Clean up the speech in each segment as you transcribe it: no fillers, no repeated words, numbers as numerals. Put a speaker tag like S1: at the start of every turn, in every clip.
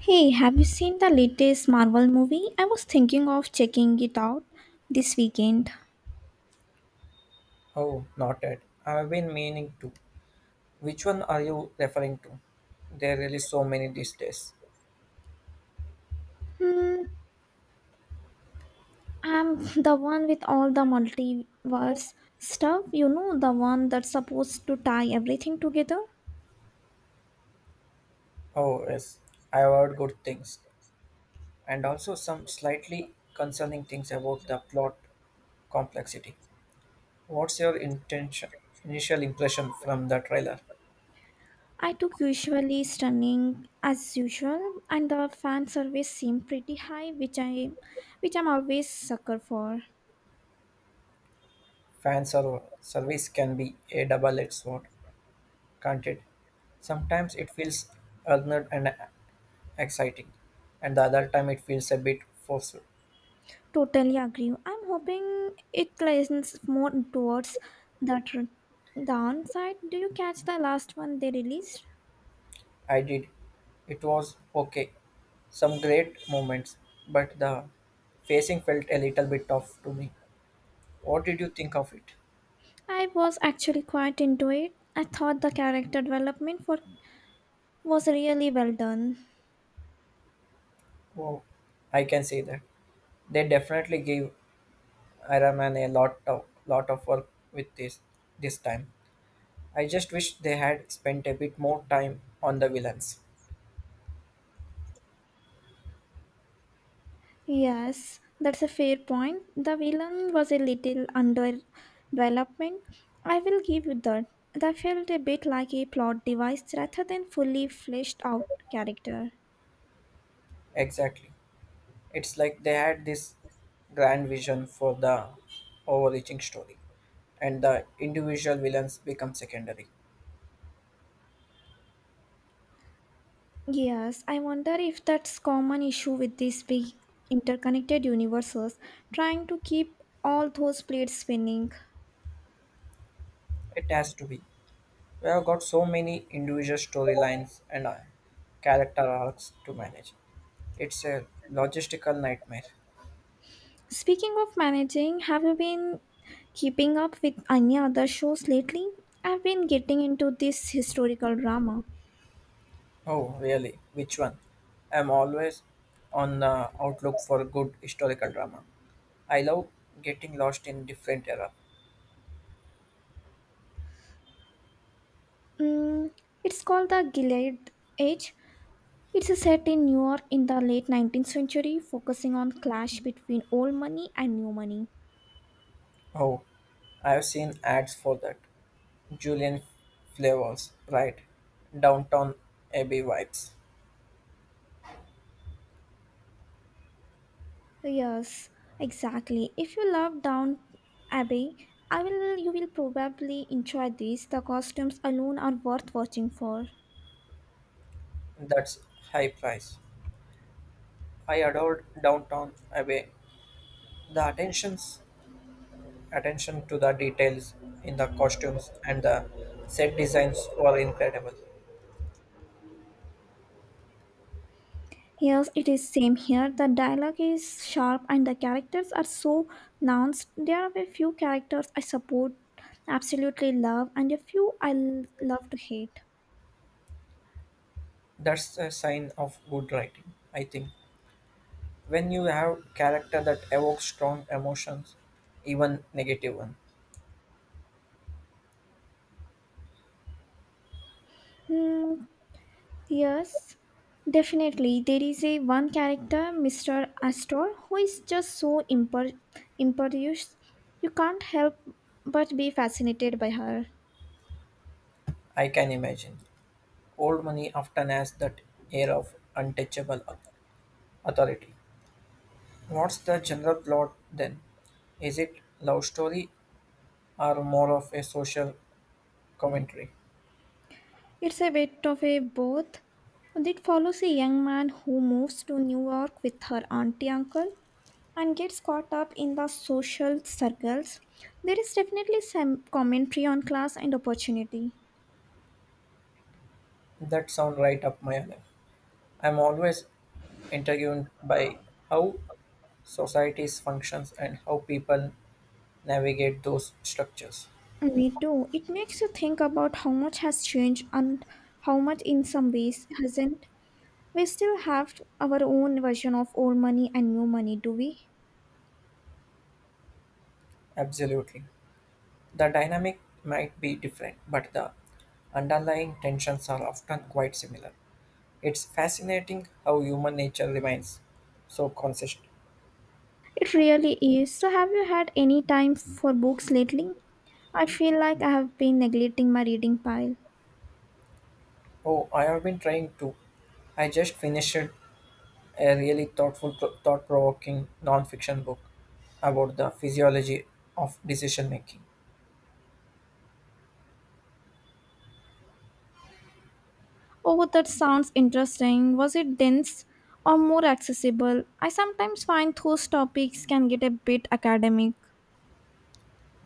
S1: Hey, have you seen the latest Marvel movie? I was thinking of checking it out this weekend.
S2: Oh, not yet. I've been meaning to. Which one are you referring to? There are really so many these days.
S1: Hmm, I'm the one with all the multiverse stuff, you know, the one that's supposed to tie everything together.
S2: Oh, yes. I've heard good things. And also some slightly concerning things about the plot complexity. What's your intention, initial impression from the trailer?
S1: I took usually stunning as usual, and the fan service seemed pretty high, which I'm always sucker for.
S2: Service can be a double-edged sword, can't it? Sometimes it feels earned and exciting, and the other time it feels a bit forced.
S1: Totally agree. I'm hoping it leans more towards the downside. Do you catch the last one they released?
S2: I did. It was okay. Some great moments, but the facing felt a little bit tough to me. What did you think of it?
S1: I was actually quite into it. I thought the character development for was really well done.
S2: Oh, I can say that. They definitely gave Iron Man a lot of work with this time. I just wish they had spent a bit more time on the villains.
S1: Yes, that's a fair point. The villain was a little under development. I will give you that. That felt a bit like a plot device rather than fully fleshed out character.
S2: Exactly. It's like they had this grand vision for the overreaching story, and the individual villains become secondary.
S1: Yes, I wonder if that's common issue with these big interconnected universes, trying to keep all those plates spinning.
S2: It has to be. We have got so many individual storylines and character arcs to manage. It's a logistical nightmare.
S1: Speaking of managing, have you been keeping up with any other shows lately? I've been getting into this historical drama.
S2: Oh, really? Which one? I'm always on the outlook for good historical drama. I love getting lost in different era.
S1: Mm, it's called The Gilead Age. It's set in New York in the late 19th century, focusing on clash between old money and new money.
S2: Oh, I've seen ads for that. Julian flavors, right? Downtown Abbey vibes.
S1: Yes, exactly. If you love Down Abbey, I will you will probably enjoy this. The costumes alone are worth watching for.
S2: That's high price. I adored Downtown Abbey. The attentions Attention to the details in the costumes and the set designs were incredible.
S1: Yes, it is same here. The dialogue is sharp and the characters are so nuanced. There are a few characters I support, absolutely love, and a few I love to hate.
S2: That's a sign of good writing, I think. When you have character that evokes strong emotions, even negative one.
S1: Hmm, Yes, definitely. There is a one character, Mr. Astor, who is just so imperious. You can't help but be fascinated by her.
S2: I can imagine. Old money often has that air of authority. What's the general plot then? Is it love story or more of a social commentary?
S1: It's a bit of a both. It follows a young man who moves to New York with her auntie uncle and gets caught up in the social circles. There is definitely some commentary on class and opportunity.
S2: That sound right up my alley. I'm always intrigued by how societies functions and how people navigate those structures.
S1: Me too. It makes you think about how much has changed and how much, in some ways, hasn't. We still have our own version of old money and new money, do we?
S2: Absolutely. The dynamic might be different, but the underlying tensions are often quite similar. It's fascinating how human nature remains so consistent.
S1: It really is. So, have you had any time for books lately? I feel like I have been neglecting my reading pile.
S2: Oh, I have been trying to. I just finished a really thoughtful, thought provoking non fiction book about the physiology of decision making.
S1: Oh, that sounds interesting. Was it dense or more accessible? I sometimes find those topics can get a bit academic.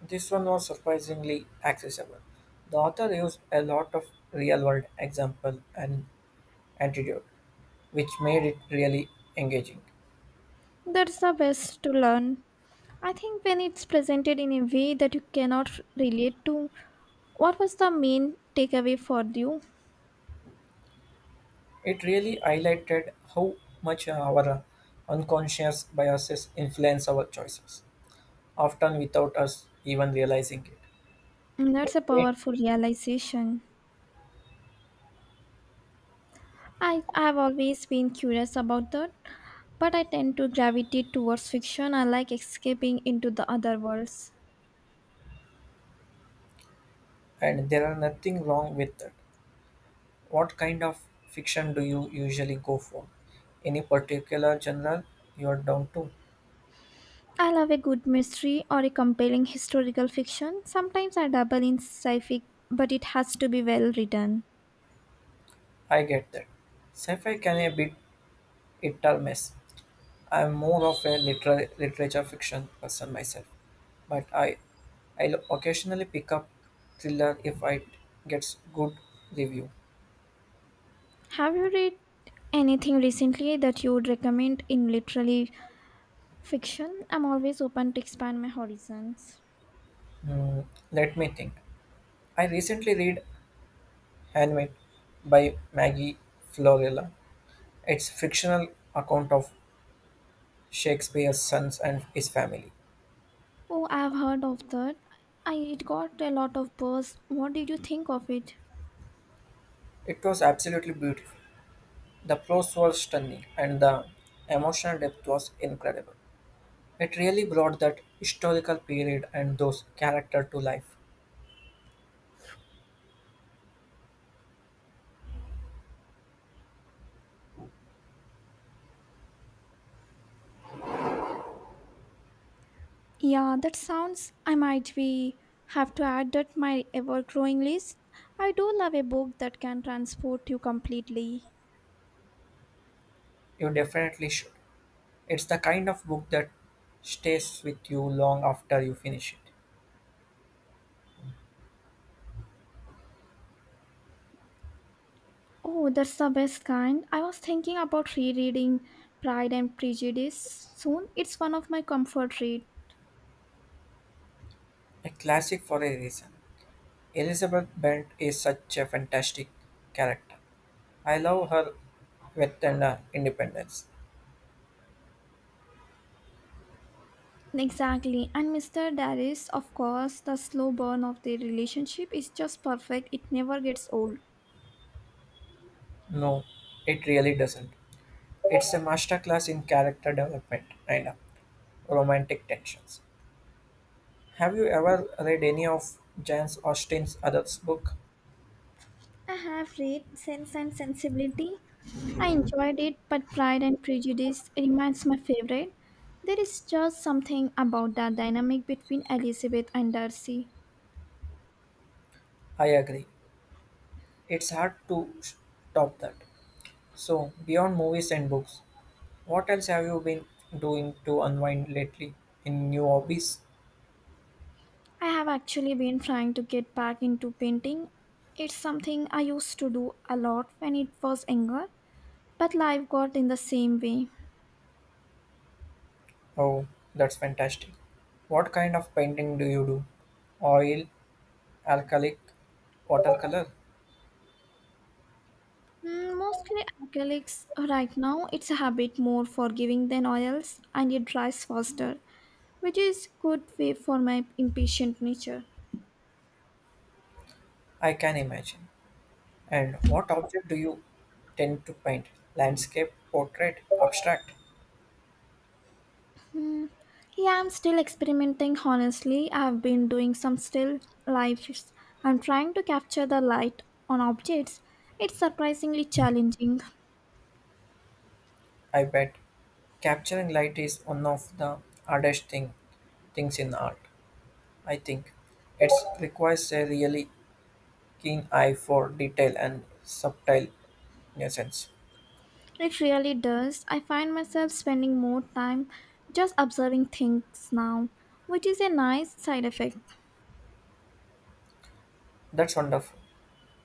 S2: This one was surprisingly accessible. The author used a lot of real world example and antidote, which made it really engaging.
S1: That's the best to learn. I think when it's presented in a way that you cannot f- relate to, what was the main takeaway for you?
S2: It really highlighted how much our unconscious biases influence our choices, often without us even realizing it.
S1: That's a
S2: It-
S1: powerful realization. I have always been curious about that, but I tend to gravitate towards fiction. I like escaping into the other worlds.
S2: And there are nothing wrong with that. What kind of fiction do you usually go for? Any particular genre you are down to?
S1: I love a good mystery or a compelling historical fiction. Sometimes I dabble in sci-fi, but it has to be well written.
S2: I get that. Sci-fi can be a bit It dull mess. I'm more of a literature fiction person myself, but I'll occasionally pick up thriller if it gets good review.
S1: Have you read anything recently that you would recommend in literary fiction? I'm always open to expand my horizons.
S2: Hmm, let me think. I recently read Handmaid by Maggie Florella. It's fictional account of Shakespeare's sons and his family.
S1: Oh, I've heard of that. I it got a lot of buzz. What did you think of it?
S2: It was absolutely beautiful. The prose was stunning and the emotional depth was incredible. It really brought that historical period and those characters to life.
S1: Yeah, that sounds I might be have to add that my ever growing list. I do love a book that can transport you completely.
S2: You definitely should. It's the kind of book that stays with you long after you finish it.
S1: Oh, that's the best kind. I was thinking about rereading Pride and Prejudice soon. It's one of my comfort read.
S2: A classic for a reason. Elizabeth Bent is such a fantastic character. I love her with an independence.
S1: Exactly. And Mr. Darius, of course, the slow burn of their relationship is just perfect. It never gets old.
S2: No, it really doesn't. It's a masterclass in character development and romantic tensions. Have you ever read any of Jane Austen's other books?
S1: I have read Sense and Sensibility. I enjoyed it, but Pride and Prejudice remains my favorite. There is just something about that dynamic between Elizabeth and Darcy.
S2: I agree. It's hard to stop that. So, beyond movies and books, what else have you been doing to unwind lately? In new hobbies?
S1: I have actually been trying to get back into painting. It's something I used to do a lot when it was younger, but life got in the same way.
S2: Oh, that's fantastic. What kind of painting do you do? Oil, acrylic, watercolor?
S1: Mostly acrylics right now. It's a habit more forgiving than oils and it dries faster, which is good way for my impatient nature.
S2: I can imagine. And what object do you tend to paint? Landscape, portrait, abstract?
S1: Yeah, I'm still experimenting honestly. I've been doing some still lives. I'm trying to capture the light on objects. It's surprisingly challenging.
S2: I bet. Capturing light is one of the hardest thing, things in art. I think it requires a really keen eye for detail and subtle nuisance.
S1: It really does. I find myself spending more time just observing things now, which is a nice side effect.
S2: That's wonderful.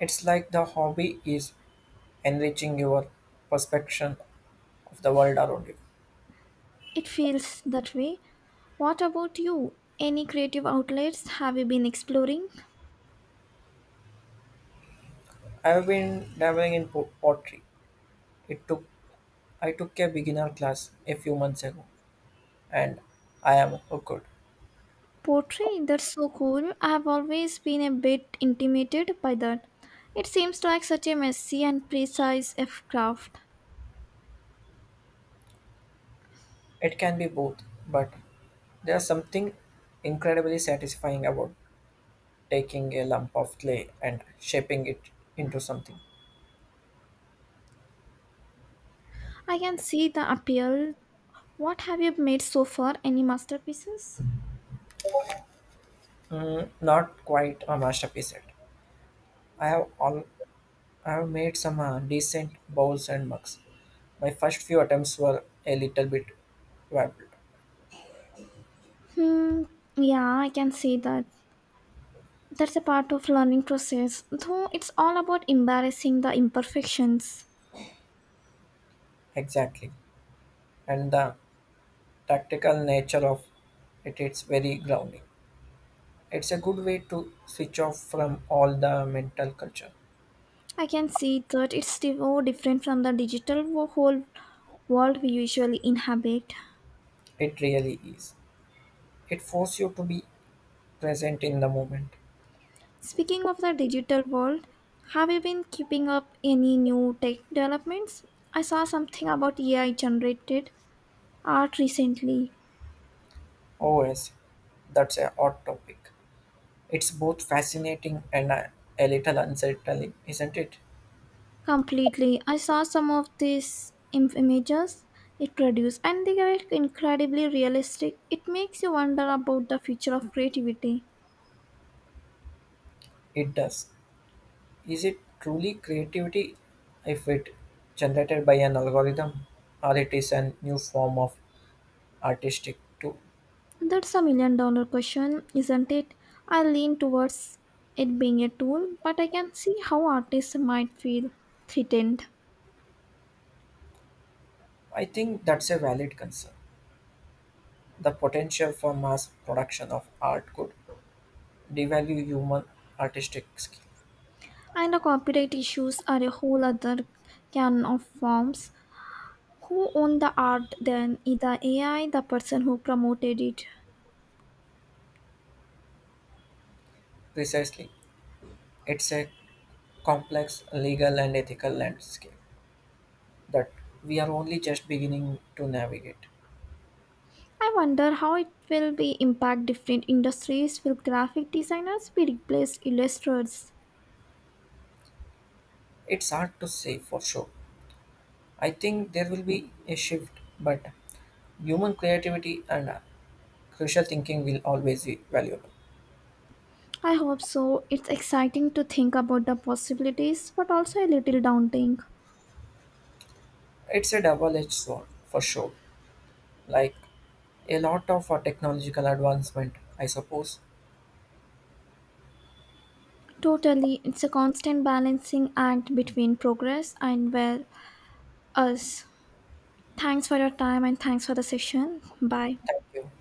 S2: It's like the hobby is enriching your perception of the world around you.
S1: It feels that way. What about you? Any creative outlets have you been exploring?
S2: I've been dabbling in pottery. It took I took a beginner class a few months ago, and I am hooked.
S1: Poetry, that's so cool. I have always been a bit intimidated by that. It seems like such a messy and precise F craft.
S2: It can be both, but there's something incredibly satisfying about taking a lump of clay and shaping it into something.
S1: I can see the appeal. What have you made so far? Any masterpieces?
S2: Not quite a masterpiece yet. I have all I have made some decent bowls and mugs. My first few attempts were a little bit wobbled.
S1: Hmm, yeah, I can see that. That's a part of learning process, though it's all about embarrassing the imperfections.
S2: Exactly, and the tactical nature of it's very grounding. It's a good way to switch off from all the mental culture.
S1: I can see that different from the whole world we usually inhabit.
S2: It really is. It forces you to be present in the moment.
S1: Speaking of the digital world, have you been keeping up any new tech developments? I saw something about AI generated art recently.
S2: Oh, yes, that's a hot topic. It's both fascinating and a little unsettling, isn't it?
S1: Completely. I saw some of images it produced and they are incredibly realistic. It makes you wonder about the future of creativity.
S2: It does. Is it truly creativity if it generated by an algorithm, or it is a new form of artistic tool?
S1: That's a million dollar question, isn't it? I lean towards it being a tool, but I can see how artists might feel threatened.
S2: I think that's a valid concern. The potential for mass production of art could devalue human artistic skill.
S1: And the copyright issues are a whole other can of worms. Who owned the art then? Either AI, the person who promoted it.
S2: Precisely, it's a complex legal and ethical landscape that we are only just beginning to navigate.
S1: I wonder how it will be impact different industries. Will graphic designers be replaced illustrators?
S2: It's hard to say for sure. I think there will be a shift, but human creativity and Crucial thinking will always be valuable.
S1: I hope so. It's exciting to think about the possibilities, but also a little daunting.
S2: It's a double-edged sword for sure. Like a lot of technological advancement, I suppose.
S1: Totally, it's a constant balancing act between progress and well us. Thanks for your time and thanks for the session. Bye.
S2: Thank you.